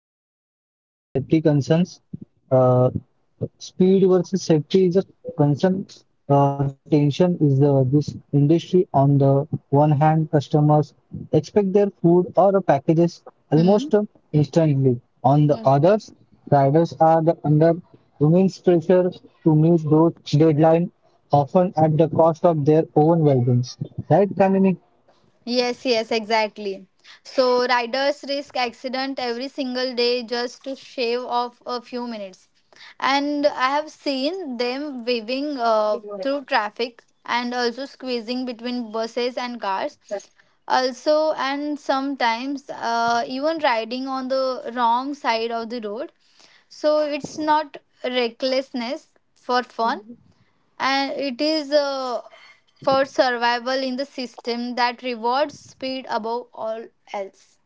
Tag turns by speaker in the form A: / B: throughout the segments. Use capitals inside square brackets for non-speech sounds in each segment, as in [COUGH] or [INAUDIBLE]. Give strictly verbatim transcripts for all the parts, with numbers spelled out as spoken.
A: We continue with the safety concerns. Uh, Speed versus safety is a concern. Uh, tension is the this industry. On the one hand, customers expect their food or packages
B: Hmm.
A: almost uh, instantly. On the
B: Mm.
A: others, riders are the under immense pressure to meet those deadlines, often at the cost of their own well-being. Right, Kamini?
B: Yes, yes, exactly. So riders risk accident every single day just to shave off a few minutes. And I have seen them waving uh, through traffic and also squeezing between buses and cars. Also, and sometimes uh, even riding on the wrong side of the road. So it's not recklessness for fun, and it is uh, for survival in the system that rewards speed above all else.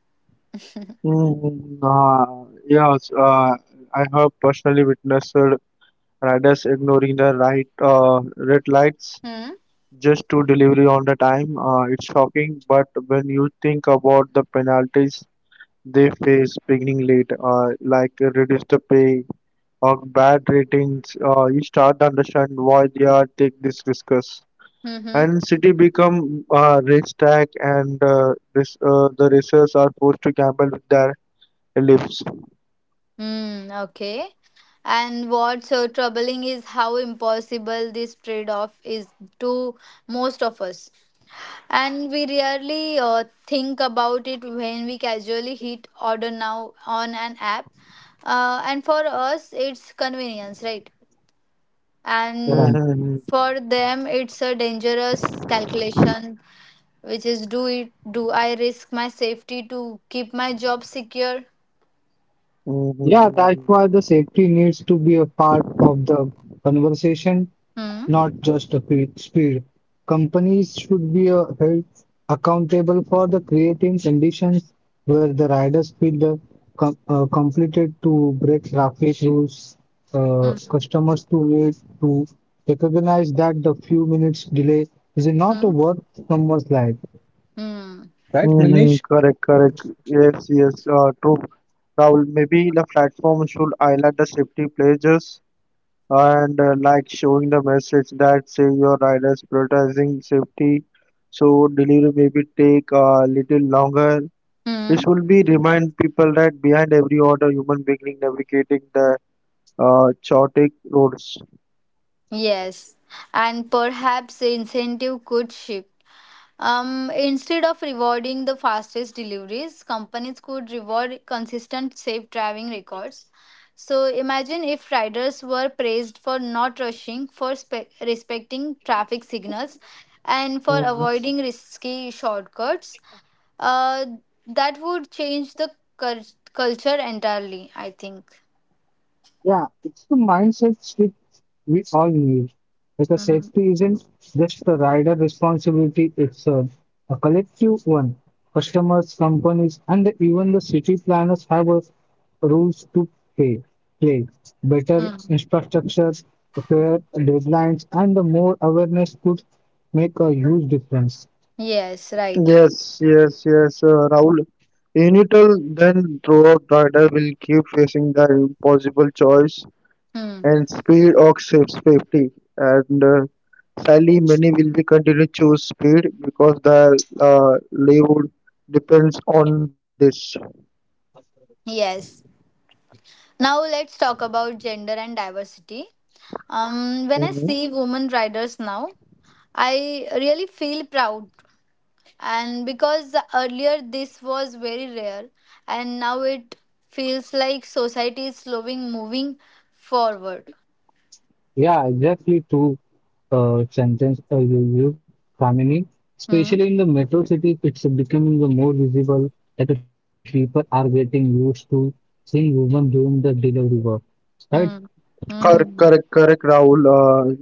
C: Mm, uh, yes, uh, I have personally witnessed riders ignoring the right uh, red lights
B: Hmm.
C: just to delivery on the time. Uh, it's shocking, but when you think about the penalties they face beginning late, uh, like reduce the pay or bad ratings, uh, you start to understand why they are take these risks.
B: Hmm.
C: And city become uh, racetrack, and uh, this, uh, the racers are forced to gamble with their lives.
B: Hmm. Okay. And what's so troubling is how impossible this trade-off is to most of us, and we rarely uh, think about it when we casually hit order now on an app. Uh, and for us, it's convenience, right?
A: Right.
B: And
C: Mhm,
B: for them it's a dangerous calculation, which is, do it do i risk my safety to keep my job secure?
A: Yeah, that's why
C: mhm,
A: the safety needs to be a part of the conversation,
B: Hmm.
A: not just a pe- speed. Companies should be uh, held accountable for the creating conditions where the riders feel the com uh, completed to break traffic rules, uh,
B: Hmm.
A: customers to wait to recognize that the few minutes delay is not a
B: Hmm.
A: worth someone's life,
B: Hmm,
A: right,
C: mhm.
A: Vignesh?
C: Correct, correct. Yes, yes, uh, true. Rahul, maybe the platform should highlight the safety pledges and uh, like showing the message that say your riders prioritizing safety. So delivery maybe take a little longer.
B: hmm.
C: This will be remind people that behind every order, human being navigating the uh, chaotic roads.
B: Yes, and perhaps the incentive could shift. Um, instead of rewarding the fastest deliveries, companies could reward consistent safe driving records. So imagine if riders were praised for not rushing, for spe- respecting traffic signals, and for
C: Mm-hmm.
B: avoiding risky shortcuts. Uh, that would change the cul- culture entirely, I think.
A: Yeah, it's the mindset shift we all need. Because
B: Mhm.
A: safety isn't just the rider responsibility, it's a, a collective one. Customers, companies, and even the city planners have a rules to pay, play. Better
B: Mm.
A: infrastructure, fair deadlines, and the more awareness could make a huge difference.
B: Yes, right.
C: Yes, yes, yes, uh, Rahul. Unital then throughout rider will keep facing the impossible choice
B: Hmm.
C: and speed or sa- safety. And uh, sadly, many will be continue to choose speed because the uh, livelihood depends on this.
B: Yes. Now let's talk about gender and diversity. Um, when I
C: Hmm.
B: see women riders now, I really feel proud, and because earlier this was very rare, and now it feels like society is slowly moving forward.
A: Yeah, exactly true uh, sentence uh, you used, Kamini.
B: Hmm.
A: Especially in the metro cities, it's becoming the more visible that the people are getting used to seeing women doing the delivery work, right?
B: Hmm.
C: Correct,
B: Mm-hmm.
C: correct, correct, Rahul. Uh,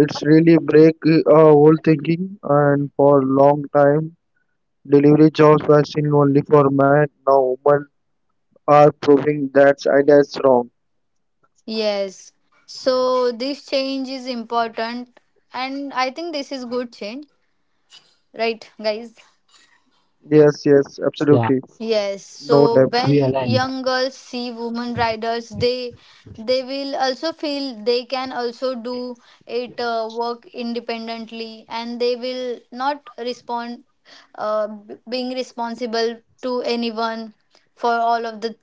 C: It's really break uh, whole thinking and for long time delivery jobs were seen only for man. Now are proving that idea is wrong.
B: Yes. So this change is important, and I think this is good change, right,
A: Yeah,
B: guys?
C: Yes,
A: we
C: yes,
A: align.
C: absolutely.
B: Yes,
C: No
B: so
C: doubt.
B: when young girls see women riders, they they will also feel they can also do it uh, work independently, and they will not respond uh, b- being responsible to anyone for all of the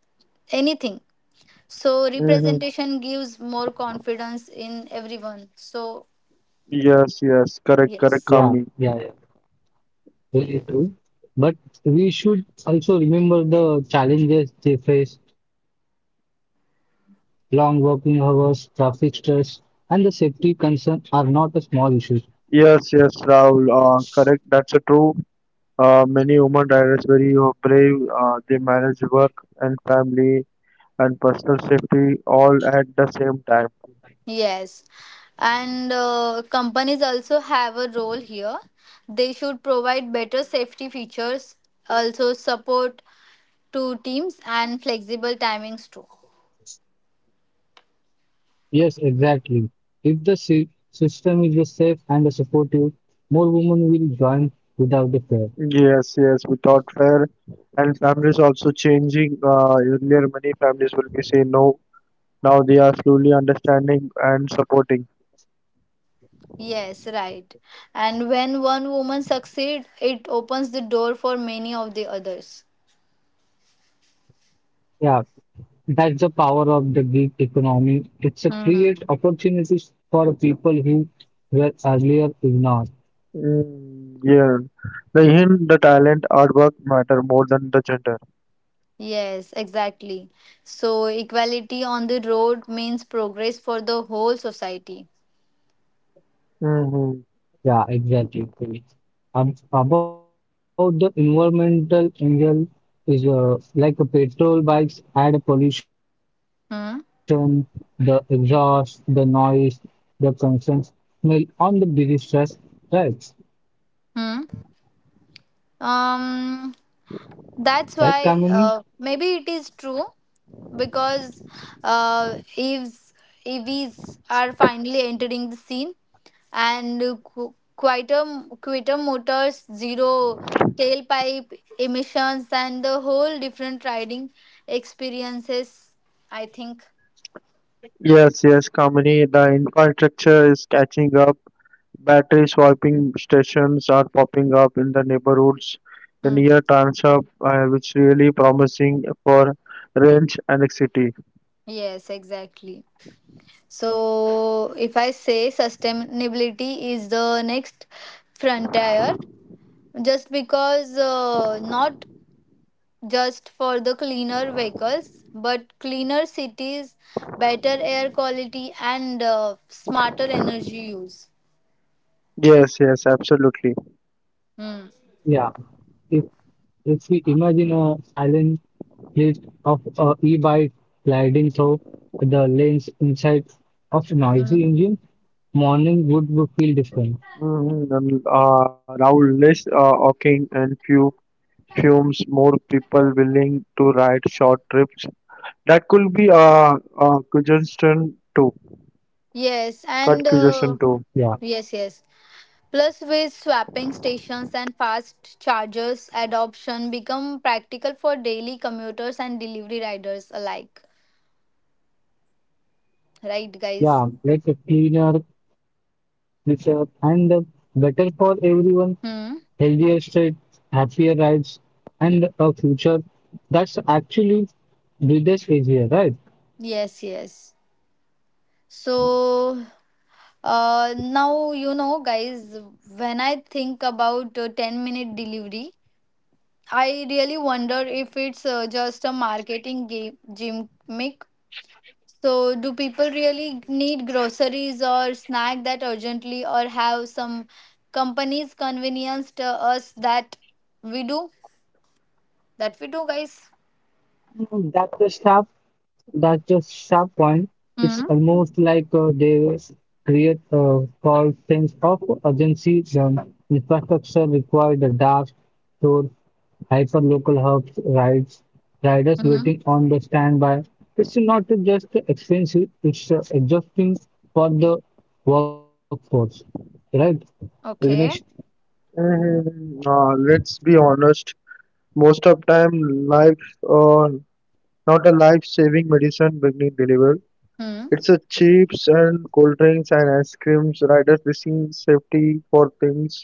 B: anything. So
C: Mm-hmm.
B: representation gives more confidence in everyone. So
A: Yeah,
C: Yes,
A: yeah,
C: yes,
A: yeah,
C: correct, correct,
B: yes.
C: Kamini.
A: very true. But we should also remember the challenges they face. Long working hours, traffic stress, and the safety concern are not a small issue.
C: Yes, yes, Rahul, uh, correct. That's a true. Uh, many women riders very uh, brave. Uh, they manage work and family and personal safety all at the same time.
B: Yes, and uh, companies also have a role here. They should provide better safety features, also support to teams and flexible timings too.
A: Yes, exactly. If the sy- system is safe and supportive, more women will join without a fear.
C: Yes, yes, without fear. And families also changing. Uh, earlier, many families will be saying no. Now they are slowly understanding and supporting.
B: Yes, right. And when one woman succeeds, it opens the door for many of the others.
A: Yeah, that's the power of the gig economy. It's a
B: Hmm.
A: create opportunities for people who were earlier ignored.
C: Mm, yeah. The hint, the talent, artwork matter more than the gender.
B: Yes, exactly. So equality on the road means progress for the whole society.
C: Mm-hmm.
A: Yeah, exactly. Um, about the environmental angle is uh, like a petrol bikes add pollution, the exhaust, the
B: Hmm.
A: noise, the constant smell on the busy stress, right?
B: Hmm.
A: Right,
B: Um.
A: Kamini?
B: That's why uh, maybe it is true because uh, Eve's E Vs are finally entering the scene and qu- quieter, quieter motors, zero tailpipe emissions, and the whole different riding experiences. I think.
C: Yes, yes, company. The infrastructure is catching up. Battery swapping stations are popping up in the neighborhoods the near
B: Mhm.
C: Transa, uh, which really promising for range annexity.
B: Yes, exactly. So, if I say sustainability is the next frontier, just because uh, not just for the cleaner vehicles, but cleaner cities, better air quality, and uh, smarter energy use.
C: Yes, yes, absolutely.
A: Yeah,
B: Hmm.
A: if if we imagine a silent fleet of uh, e-bike gliding through the lanes inside of noisy engine,
B: Mm.
A: morning would would feel different.
C: Mm-hmm. And, uh, Rahul, less uh, walking and few fumes, more people willing to ride short trips. That could be uh, uh congestion too.
B: Yes, and
C: Cut
B: uh,
C: congestion
A: Yeah,
C: too.
B: yes, yes. Plus, with swapping stations and fast chargers adoption become practical for daily commuters and delivery riders alike. Right,
A: yeah,
B: guys?
A: like a cleaner, richer, and uh, better for everyone. Healthier state,
B: Hmm.
A: happier rides, and a future that's actually breathes easier, right?
B: Yes, yes. So, Uh, now you know, guys. When I think about uh, ten minute delivery, I really wonder if it's uh, just a marketing game gimmick. So, do people really need groceries or snack that urgently, or have some companies convenienced uh, us that we do? That we do, guys.
A: That's the stuff That's a sharp point.
B: Hmm.
A: It's almost like uh, they create a false sense of urgency. The infrastructure required the dark store, hyperlocal hubs, rides, riders
B: Hmm.
A: waiting on the standby. It's not just expensive, it's uh, exhausting for the workforce, right? Vignesh?
B: Okay.
C: Mm, uh, let's be honest. Most of time, life uh, not a life-saving medicine being delivered.
B: Hmm.
C: It's a chips and cold drinks and ice creams. Riders receiving safety for things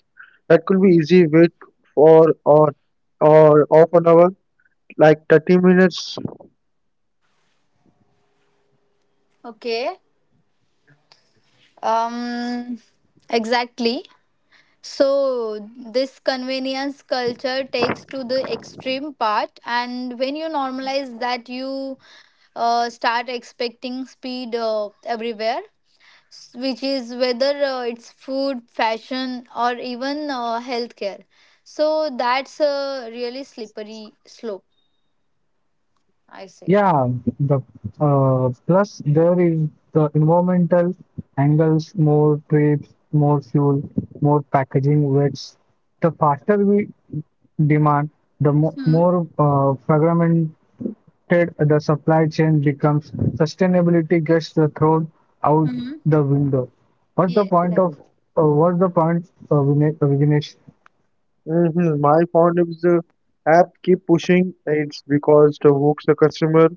C: that could be easy wait for or or half an hour, like thirty minutes.
B: Okay. Um. Exactly. So, this convenience culture takes to the extreme part, and when you normalize that, you uh, start expecting speed uh, everywhere, s- which is whether uh, it's food, fashion, or even uh, healthcare. So, that's a really slippery slope, I
A: Yeah,
B: say.
A: the uh, plus there is the environmental angles, more trips, more fuel, more packaging, which the faster we demand, the mo
B: Mm-hmm.
A: more uh, fragmented the supply chain becomes. Sustainability gets the thrown out
B: Mm-hmm.
A: the window. What's the
B: Yes.
A: point of
B: Right.
A: uh, what's the point, uh, Vine- uh, Vignesh?
C: Mm-hmm. My point is the app keep pushing. It's because to hook the customer.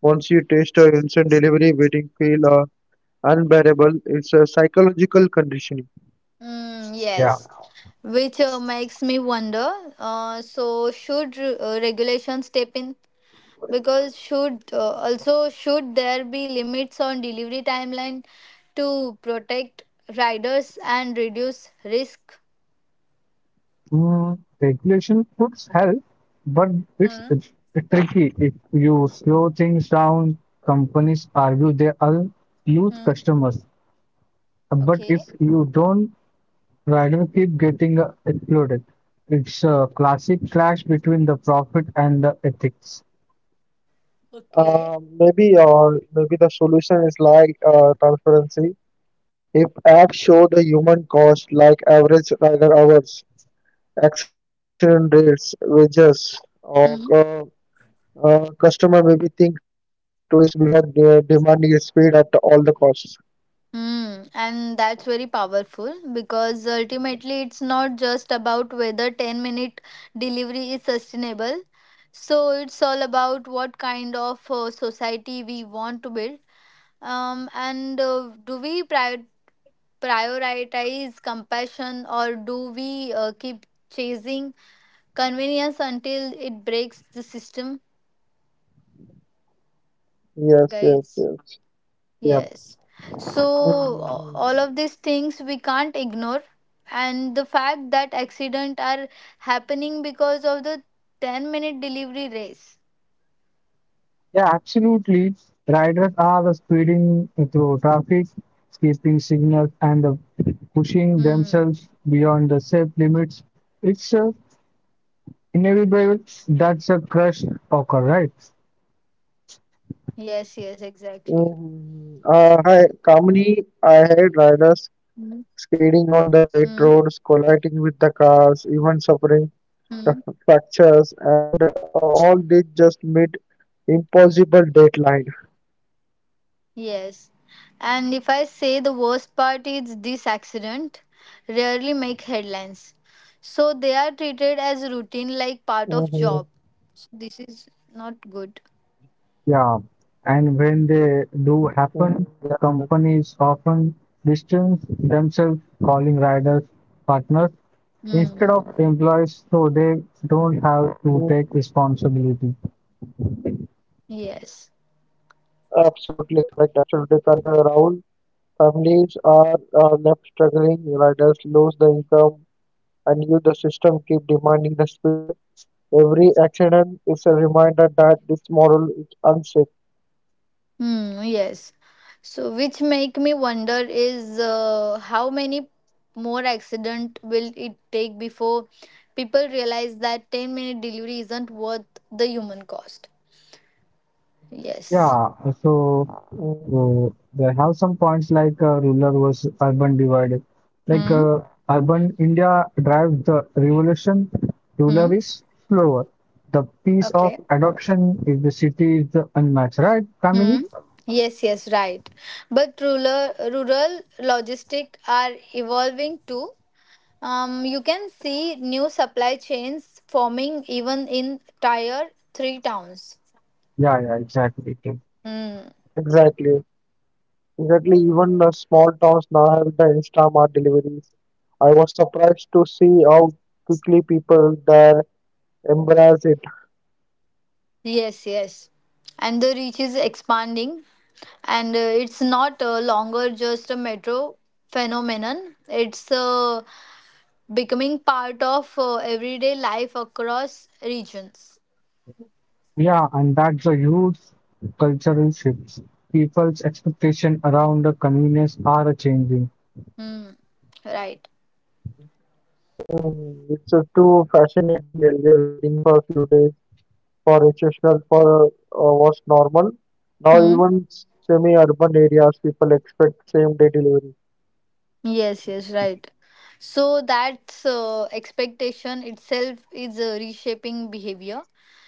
C: Once you taste a instant delivery, waiting feel uh, unbearable. It's a psychological conditioning.
B: Mm,
A: Yeah.
B: yes. Which uh, makes me wonder. Uh, so, should re- uh, regulation step in? Because should uh, also should there be limits on delivery timeline to protect riders and reduce risk?
A: Mm, regulation could help, but it's
B: Hmm.
A: tricky. If you slow things down, companies argue they are huge
B: Hmm.
A: customers. But
B: Okay.
A: if you don't, rider keep getting uh, exploded. It's a classic clash between the profit and the ethics.
B: Okay.
C: Uh, maybe or maybe the solution is like uh, transparency. If apps show the human cost, like average rider hours, accident rates, wages, or
B: Hmm.
C: uh, uh, customer maybe think twice before de- demanding speed at all the costs.
B: Hmm. And that's very powerful because ultimately it's not just about whether ten minute delivery is sustainable. So it's all about what kind of uh, society we want to build. Um, and uh, do we prior- prioritize compassion or do we uh, keep chasing convenience until it breaks the system,
C: Yes,
B: guys?
C: yes, yes.
A: Yeah,
B: Yes, so
C: Mm-hmm.
B: a- all of these
C: Mm-hmm.
B: things we can't ignore, and the fact that accidents are happening because of the ten minute delivery race.
A: yeah, absolutely. Riders are the speeding through traffic, skipping signals, and the
B: Hmm.
A: pushing themselves beyond the safe limits. It's a Inevitable. That's a crush occur, right?
B: Yes, yes, exactly.
C: Mm-hmm, mm-hmm. Uh, hi, Kamini. I hate riders
B: Hmm.
C: skating on the
B: Hmm.
C: wet roads, colliding with the cars, even suffering
B: Hmm.
C: [LAUGHS] fractures, and uh, all this just meet impossible deadline.
B: Yes. And if I say the worst part is this accident, rarely make headlines. So they are treated as routine like part of job.
C: Mm-hmm.
B: So this is not good.
A: Yeah. And when they do
C: Mm-hmm.
A: happen,
C: Yes, yes.
A: companies often distance themselves calling riders partners instead
B: Hmm.
A: of employees so they don't
C: Mm,
A: have to take responsibility.
B: Yes.
C: absolutely correct. Absolutely correct, uh, Rahul. Families are uh, left struggling. Riders lose the income, and you, the system, keep demanding the speed. Every accident is a reminder that this model is unsafe.
B: Hmm. Yes. So which make me wonder is uh, how many more accident will it take before people realize that ten minute delivery isn't worth the human cost. Yes.
A: Yeah, so
C: Mm,
A: uh, they have some points like uh, rural versus urban divide. Like
B: Hmm.
A: uh, urban India drives the revolution,
B: Hmm.
A: rural is slower. The pace of
B: Okay.
A: adoption is the city is the unmatched, right, Kamini?
B: Hmm. Yes, yes, right. But rural rural logistic are evolving too. Um, you can see new supply chains forming even in tier three towns.
A: Yeah, yeah, exactly.
B: Hmm.
C: exactly. Exactly, even the small towns now have the Instamart deliveries. I was surprised to see how quickly people there embrace it.
B: Yes, yes, and the reach is expanding, and uh, it's not uh, longer just a metro phenomenon. It's uh, becoming part of uh, everyday life across regions.
A: Yeah, and that's a huge cultural shift. People's expectation around the convenience are changing.
B: Hmm. Right.
C: Mm, it's a too fascinating earlier waiting for a few days for exceptional for uh, was normal. Now
B: Hmm.
C: even semi-urban areas people expect same-day delivery.
B: Yes, yes, right. So that's uh, expectation itself is uh, reshaping behavior.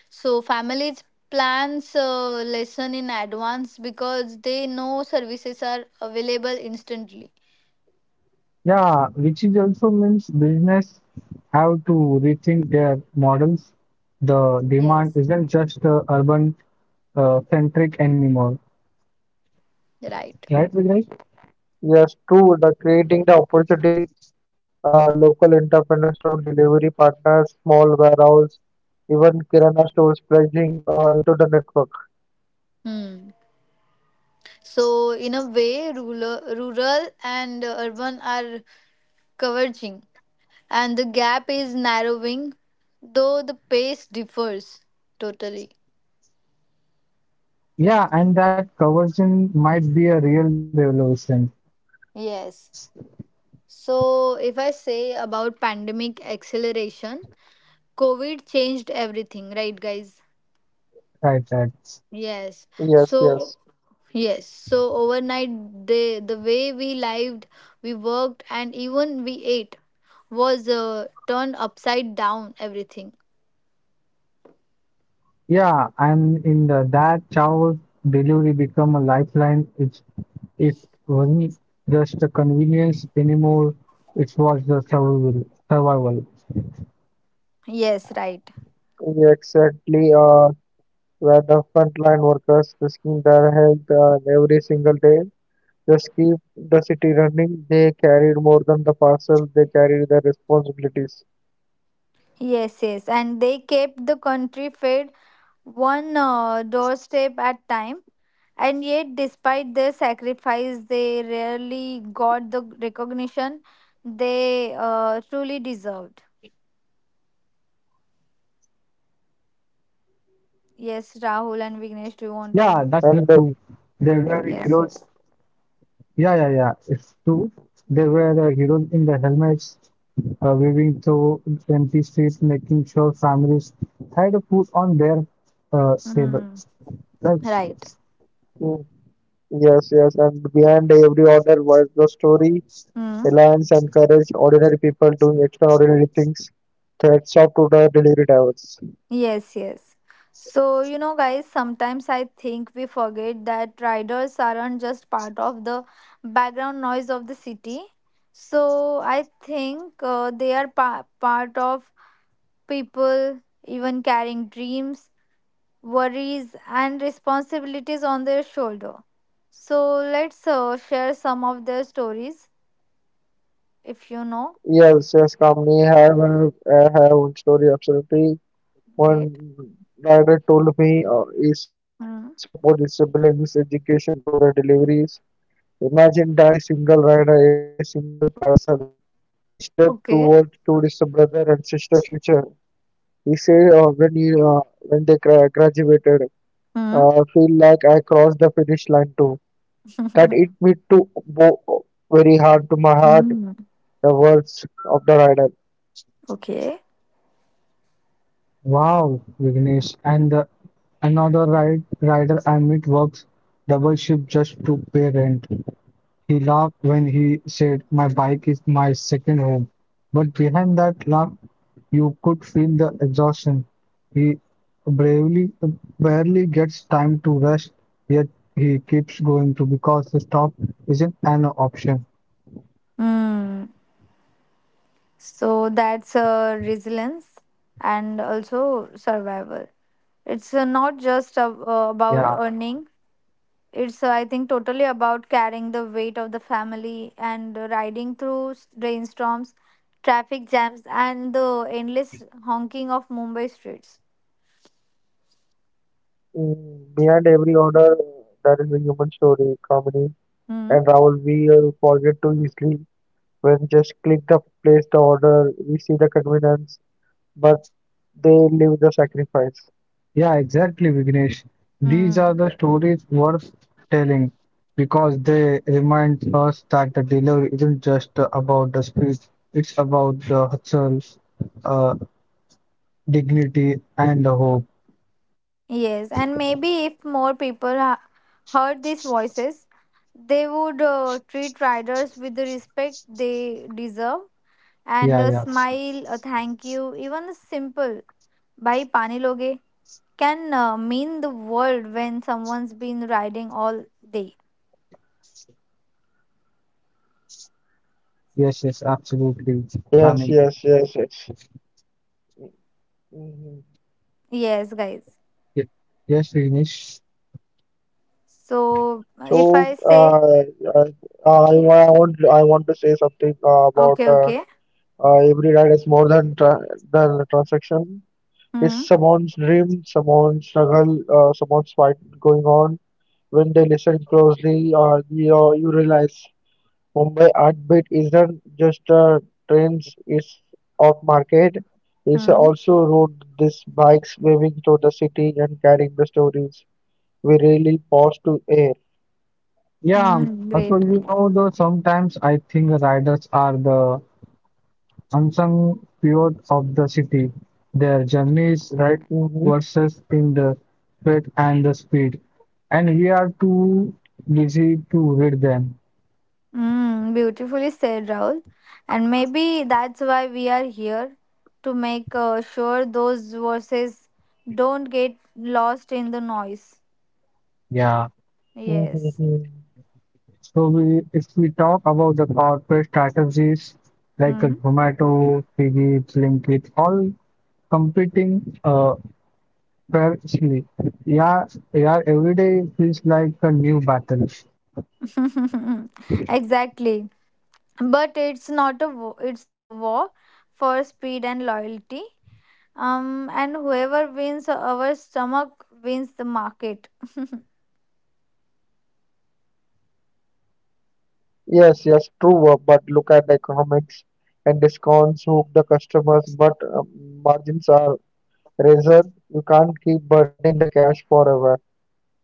B: So families plans uh, lesson in advance because they know services are available instantly.
A: Yeah, which is also means business have to rethink their models. The demand
B: Yes.
A: isn't just uh, urban uh, centric anymore,
B: Right.
A: right, Vignesh?
C: Yes, true. The creating the opportunities, uh, local entrepreneurs to delivery partners, small warehouse, even Kirana stores pledging uh, into the network.
B: Hmm. So in a way, rural, rural and uh, urban are converging, and the gap is narrowing, though the pace differs totally.
A: Yeah, and that conversion might be a real revolution.
B: Yes. So, if I say about pandemic acceleration, COVID changed everything, right, guys?
A: Right, right.
B: Yes.
C: Yes,
B: So,
C: yes,
B: yes. So, overnight, the, the way we lived, we worked, and even we ate was uh, turned upside down, everything.
A: Yeah, I'm in the that shower delivery become a lifeline. It's it wasn't just a convenience anymore. It was the survival. Survival.
B: Yes, right.
C: exactly. Uh, where the frontline workers risking their health uh, every single day just keep the city running. They carried more than the parcels. They carried their responsibilities.
B: Yes, yes. And they kept the country fed one uh, doorstep at time. And yet, despite their sacrifice, they rarely got the recognition they uh, truly deserved.
A: Yeah, that's it too.
B: Yes, Rahul
A: They
B: and
A: were
B: Vignesh, do you
A: heroes.
B: want to?
C: And the,
A: Yeah, yeah, yeah.
B: Yes,
A: It's
B: yes.
A: true. They were the heroes in the helmets, uh, weaving through empty streets, making sure families had food on their uh, tables. That's
B: Mm. Right.
C: mm, yes, yes, and behind every order was the story,
B: Mm.
C: reliance, and courage. Ordinary people doing extraordinary things. Threats up to the delivery drivers.
B: Yes, yes. So, you know, guys, sometimes I think we forget that riders aren't just part of the background noise of the city. So, I think uh, they are pa- part of people, even carrying dreams worries, and responsibilities on their shoulder. So let's uh, share some of their stories if you know.
C: Yes, yes, company have uh, have own story absolutely. One
B: Great.
C: rider told me uh, is
B: Mm.
C: supposed to brings education to the deliveries. Imagine that every single rider, every single parcel is step towards
B: Okay.
C: to his brother and sister future. He said uh, when he, uh, when they gra- graduated,
B: Mm.
C: uh, feel like I crossed the finish line too. That it
B: [LAUGHS]
C: me to bo- very hard to my heart.
B: Mm.
C: The words of the rider.
A: wow,
B: Okay.
A: Vignesh. And uh, another ride, rider I meet works double shift just to pay rent. He laughed when he said, My bike is my second home. But behind that laugh, you could feel the exhaustion. He bravely, barely gets time to rest, yet he keeps going to because the stop isn't an option.
B: Mm. So that's uh, resilience and also survival. It's uh, not
A: Yeah,
B: just ab- uh, about earning. It's, uh, I think, totally about carrying the weight of the family and uh, riding through s- rainstorms, traffic jams, and the endless honking of Mumbai streets.
C: Mm, behind every order, there is a human story, comedy.
B: Hmm.
C: And Rahul, we uh, forget too easily when just click the place the order, we see the convenience, but they leave the sacrifice.
A: yeah, exactly, Vignesh. These are
B: Hmm.
A: the stories worth telling because they remind us that the delivery isn't just about the speed, it's about the hustle, uh, dignity and the hope.
B: Yes, and maybe if more people ha- heard these voices, they would uh, treat riders with the respect they deserve and
A: Yeah,
B: a
A: yes,
B: smile, a thank you, even a simple "Bhai pani loge" can uh, mean the world when someone's been riding all day.
A: yes, yes, absolutely,
C: Yes, yes,
A: Kamil.
C: yes, yes. Mhm.
B: Yes, guys.
A: Ye- Yes, Renish.
B: So
C: So,
B: if I say
C: uh, uh, I, wa- I want I want to say something uh, about uh,
B: okay, okay.
C: uh, every ride is more than tra than a transaction. It's
B: Hmm.
C: someone's dream, someone's struggle, uh, someone's fight going on. When they listen closely, uh, you you realize Mumbai Artbeat isn't just a trends is of market. It's
B: Hmm.
C: also rode these bikes waving through the city and carrying the stories we really pause to air.
A: Yeah,
B: Hmm.
A: also
B: Great.
A: you know though sometimes I think riders are the unsung heroes of the city. Their journeys, right
C: Hmm,
A: versus in the sweat and the speed, and we are too busy to read them.
B: Hmm. Beautifully said, Rahul. And maybe that's why we are here to make uh, sure those verses don't get lost in the noise.
A: Yeah.
B: Yes.
C: hmm, hmm.
A: So we, if we talk about the corporate strategies like a
B: Hmm.
A: Zomato, Swiggy, Blinkit, all competing uh, fearlessly. Yeah, yeah, every day feels like a new battle.
B: [LAUGHS] Exactly. But it's not a war, it's a war for speed and loyalty. Um, and whoever wins our stomach wins the market.
C: Yes, yes, true. uh, But look at the economics and discounts hook the customers, but um, margins are razor. You can't keep burning the cash forever.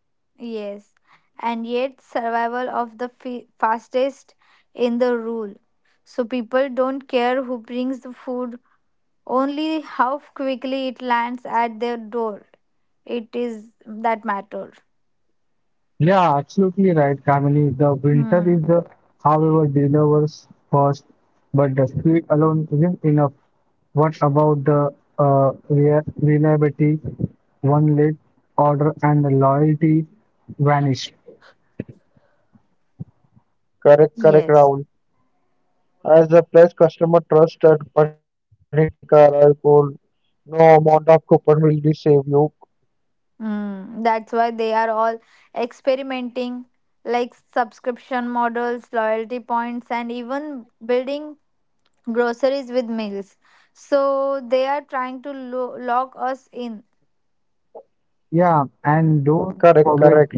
B: [LAUGHS] Yes, and yet survival of the fi- fastest in the rule. So people don't care who brings the food, only how quickly it lands at their door. It is that matter.
A: Yeah, absolutely right, Kamini. The winter
B: Hmm.
A: is the, however, delivers first, but the speed alone isn't enough. What about the uh, rea- reliability, one late order, and the loyalty vanish?
C: Correct, correct,
B: Yes.
C: Rahul. As the pledge customer trust at Panitika Raipur, no amount of coupon will be save you.
B: Mm, that's why they are all experimenting, like subscription models, loyalty points, and even building groceries with meals. So they are trying to lo- lock us in.
A: Yeah, and don't
C: Correct,
A: forget
C: correct.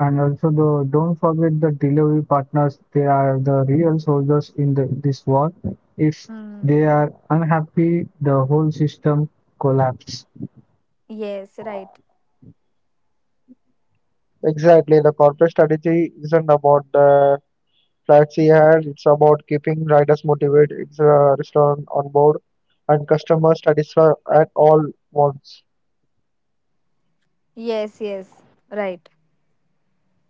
A: And also, the, don't forget the delivery partners. They are the real soldiers in the, this war. If
B: Mm,
A: they are unhappy, the whole system collapses.
B: yes, right.
C: Exactly. The corporate strategy isn't about the flashy ad, it's about keeping riders motivated, it's a restaurant on board, and customers satisfied at all once.
B: Yes, yes, right.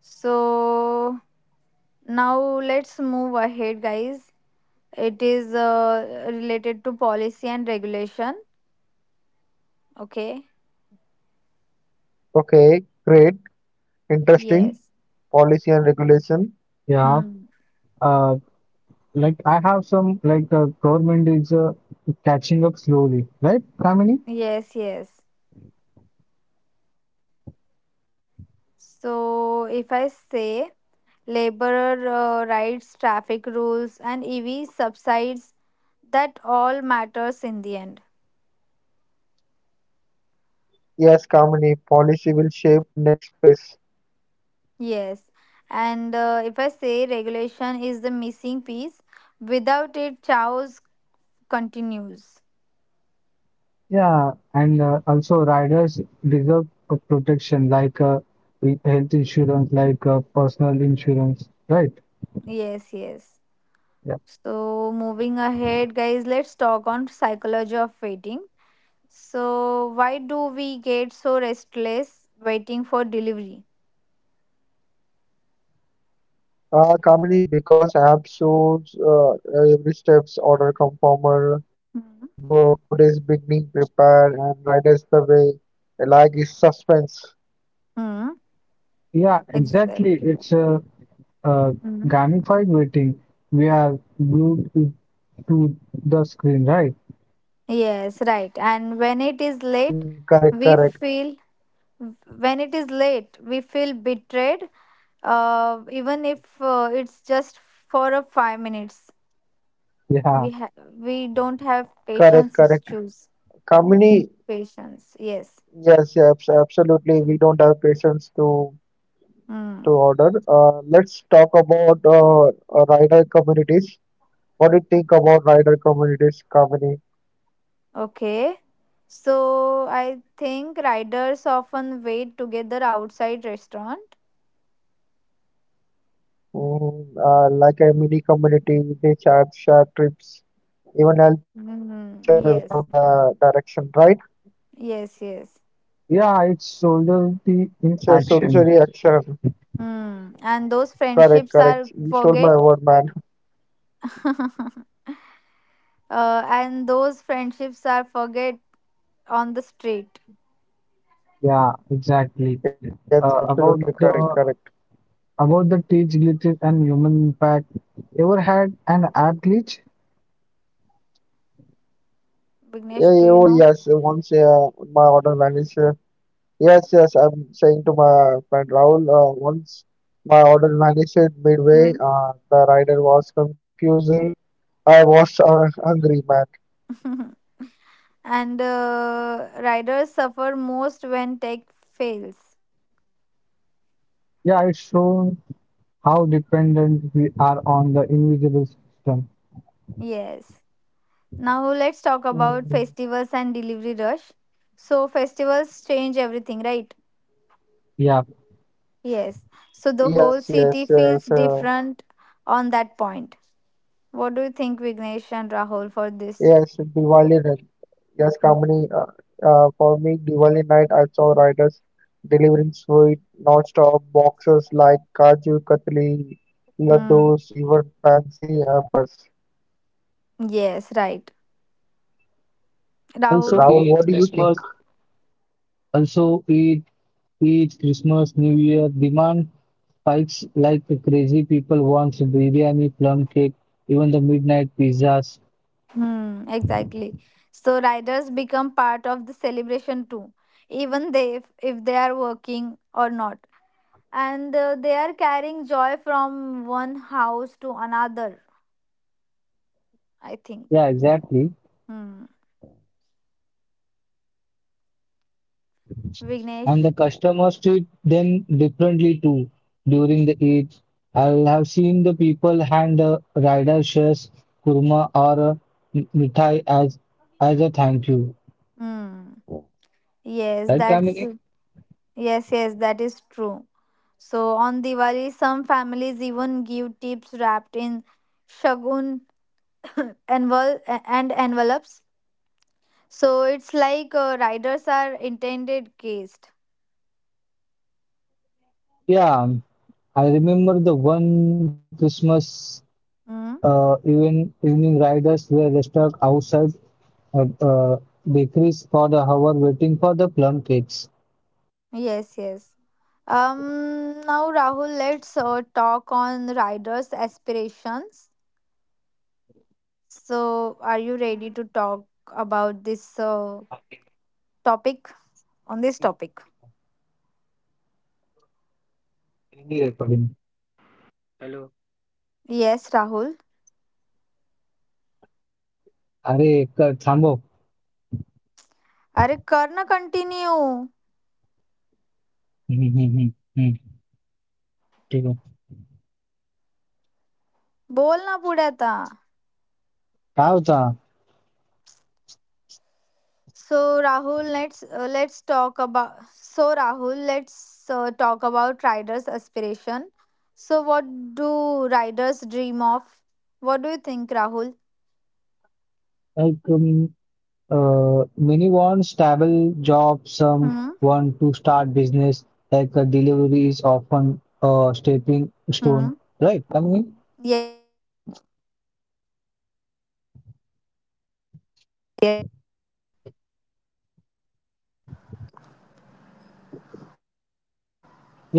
B: So now let's move ahead, guys. It is uh, related to policy and regulation. Okay.
C: Okay, great.
B: Yes.
C: Interesting. Policy and
A: Yeah.
C: regulation.
B: Hmm.
A: Uh, like I have some like the government is uh, catching up slowly, right, Kamini?
B: Yes, yes. So if I say laborer uh, rights, traffic rules, and E V subsides, that all matters in the end.
C: Yes, Kamini, policy will shape next phase.
B: Yes, and uh, if I say regulation is the missing piece, without it, chaos continues.
A: Yeah. And uh, also, riders deserve a protection like uh, with health insurance, like uh, personal insurance, right?
B: Yes, yes.
A: Yeah.
B: So moving ahead, guys, let's talk on psychology of waiting. So why do we get so restless waiting for delivery?
C: Uh, Kamini, because apps shows uh, every steps order conformer.
B: Hmm.
C: Bo- food is being prepared and riders the way. Like is suspense.
B: Hmm.
A: Yeah, exactly.
B: Exactly.
A: It's uh, uh,
B: Hmm.
A: gamified waiting. We are glued to to the screen, right?
B: Yes, right. And when it is late,
C: Mm,
B: we
C: correct, correct,
B: feel When it is late, we feel betrayed, uh, even if uh, it's just for a five minutes.
A: Yeah,
B: We ha- we don't have
C: correct,
B: patience
C: correct.
B: issues.
C: Kamini,
B: Patience, yes.
C: yes, yes, abs- absolutely. We don't have patience to to
B: Hmm.
C: order. Uh, let's talk about uh, uh, rider communities. What do you think about rider communities, Kamini?
B: Okay. So I think riders often wait together outside restaurant.
C: Mm, uh, like a mini community, they share share trips, even help each
B: Hmm.
C: other
B: Yes.
C: without the direction, right?
B: Yes. Yes.
A: yeah, it's solidarity in
C: It's a
A: action.
C: solitary action.
B: Hmm. And those
C: Correct,
B: friendships are
C: correct. You stole my
B: forget.
C: word, man.
B: [LAUGHS] uh, and those friendships are forget on the street.
A: Yeah, exactly.
C: Yes,
A: Uh,
C: absolutely
A: about
C: correct,
A: the
C: correct.
A: about the teach glitches and human impact. Ever had an app glitch?
C: Yeah,
B: Vignesh, do
C: yeah,
B: you
C: oh
B: know?
C: yes, once uh, my order vanished. Uh, Yes, yes, I'm saying to my friend Rahul, uh, once my order vanished
B: Hmm.
C: midway, uh, the rider was confused. I was uh, angry, man.
B: [LAUGHS] And uh, riders suffer most when tech fails.
A: Yeah, it's shown how dependent we are on the invisible system.
B: Yes. Now let's talk about
C: Mhm.
B: festivals and delivery rush. So festivals change everything, right?
A: Yeah.
B: Yes. So the
C: Yes,
B: whole
C: yes,
B: city
C: yes.
B: feels
C: Uh,
B: different on that point. What do you think, Vignesh and Rahul, for
C: yes,
B: this?
C: Diwali night. Yes, Kamini, uh, uh, for me, Diwali night, I saw riders delivering sweet, non-stop boxes like Kaju Katli,
B: Hmm.
C: laddus, even fancy hampers.
B: Yes, right.
A: Also, eat
B: Rahul.
C: Rahul, what do you
A: Christmas.
C: think?
A: Also, eat eat Christmas, New Year demand spikes like the crazy people wants biryani, plum cake, even the midnight pizzas.
B: Hmm, exactly. So riders become part of the celebration too, even they if, if they are working or not, and uh, they are carrying joy from one house to another. I
A: Yeah,
B: think.
A: exactly.
B: Hmm.
A: And the
B: Vignesh.
A: customers treat them differently too during the Eid. I'll have seen the people hand the rider shares, kurma or a mithai as as a thank you.
B: Hmm.
A: Right,
B: Yes,
A: Kamini?
B: that's yes, yes, that is true. So on Diwali, some families even give tips wrapped in shagun [COUGHS] envel- and envelopes. So it's like uh, riders are intended guests.
A: Yeah, I remember the one Christmas uh,
B: Mm,
A: even evening riders were stuck outside uh, uh, bakeries for the hour waiting for the plum cakes.
B: yes, yes. Um, now Rahul, let's uh, talk on riders' aspirations. So, are you ready to talk about this uh, topic? On this topic? Yes, Rahul. अरे कर ना continue.
A: हम्म, हम्म, हम्म, हम्म, ठीक है.
B: बोल ना पुढे आता.
A: काय होता?
B: So Rahul let's let's talk about so Rahul let's talk about riders' aspiration. So, what do riders dream of? What do you think, Rahul?
A: Like um, uh, many want stable job, some
B: Hmm.
A: want to start business, like a delivery is often a stepping stone,
B: Hmm?
A: right? I mean,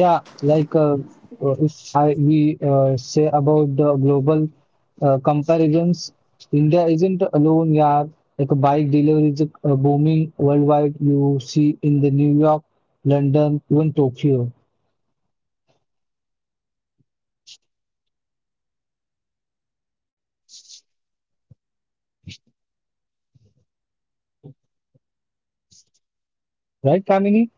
A: yeah, like uh, uh, if I we uh, say about the global uh, comparisons, India isn't alone. Yeah, like a bike delivery is uh, booming worldwide. You see in the New York, London, even Tokyo, right, Kamini?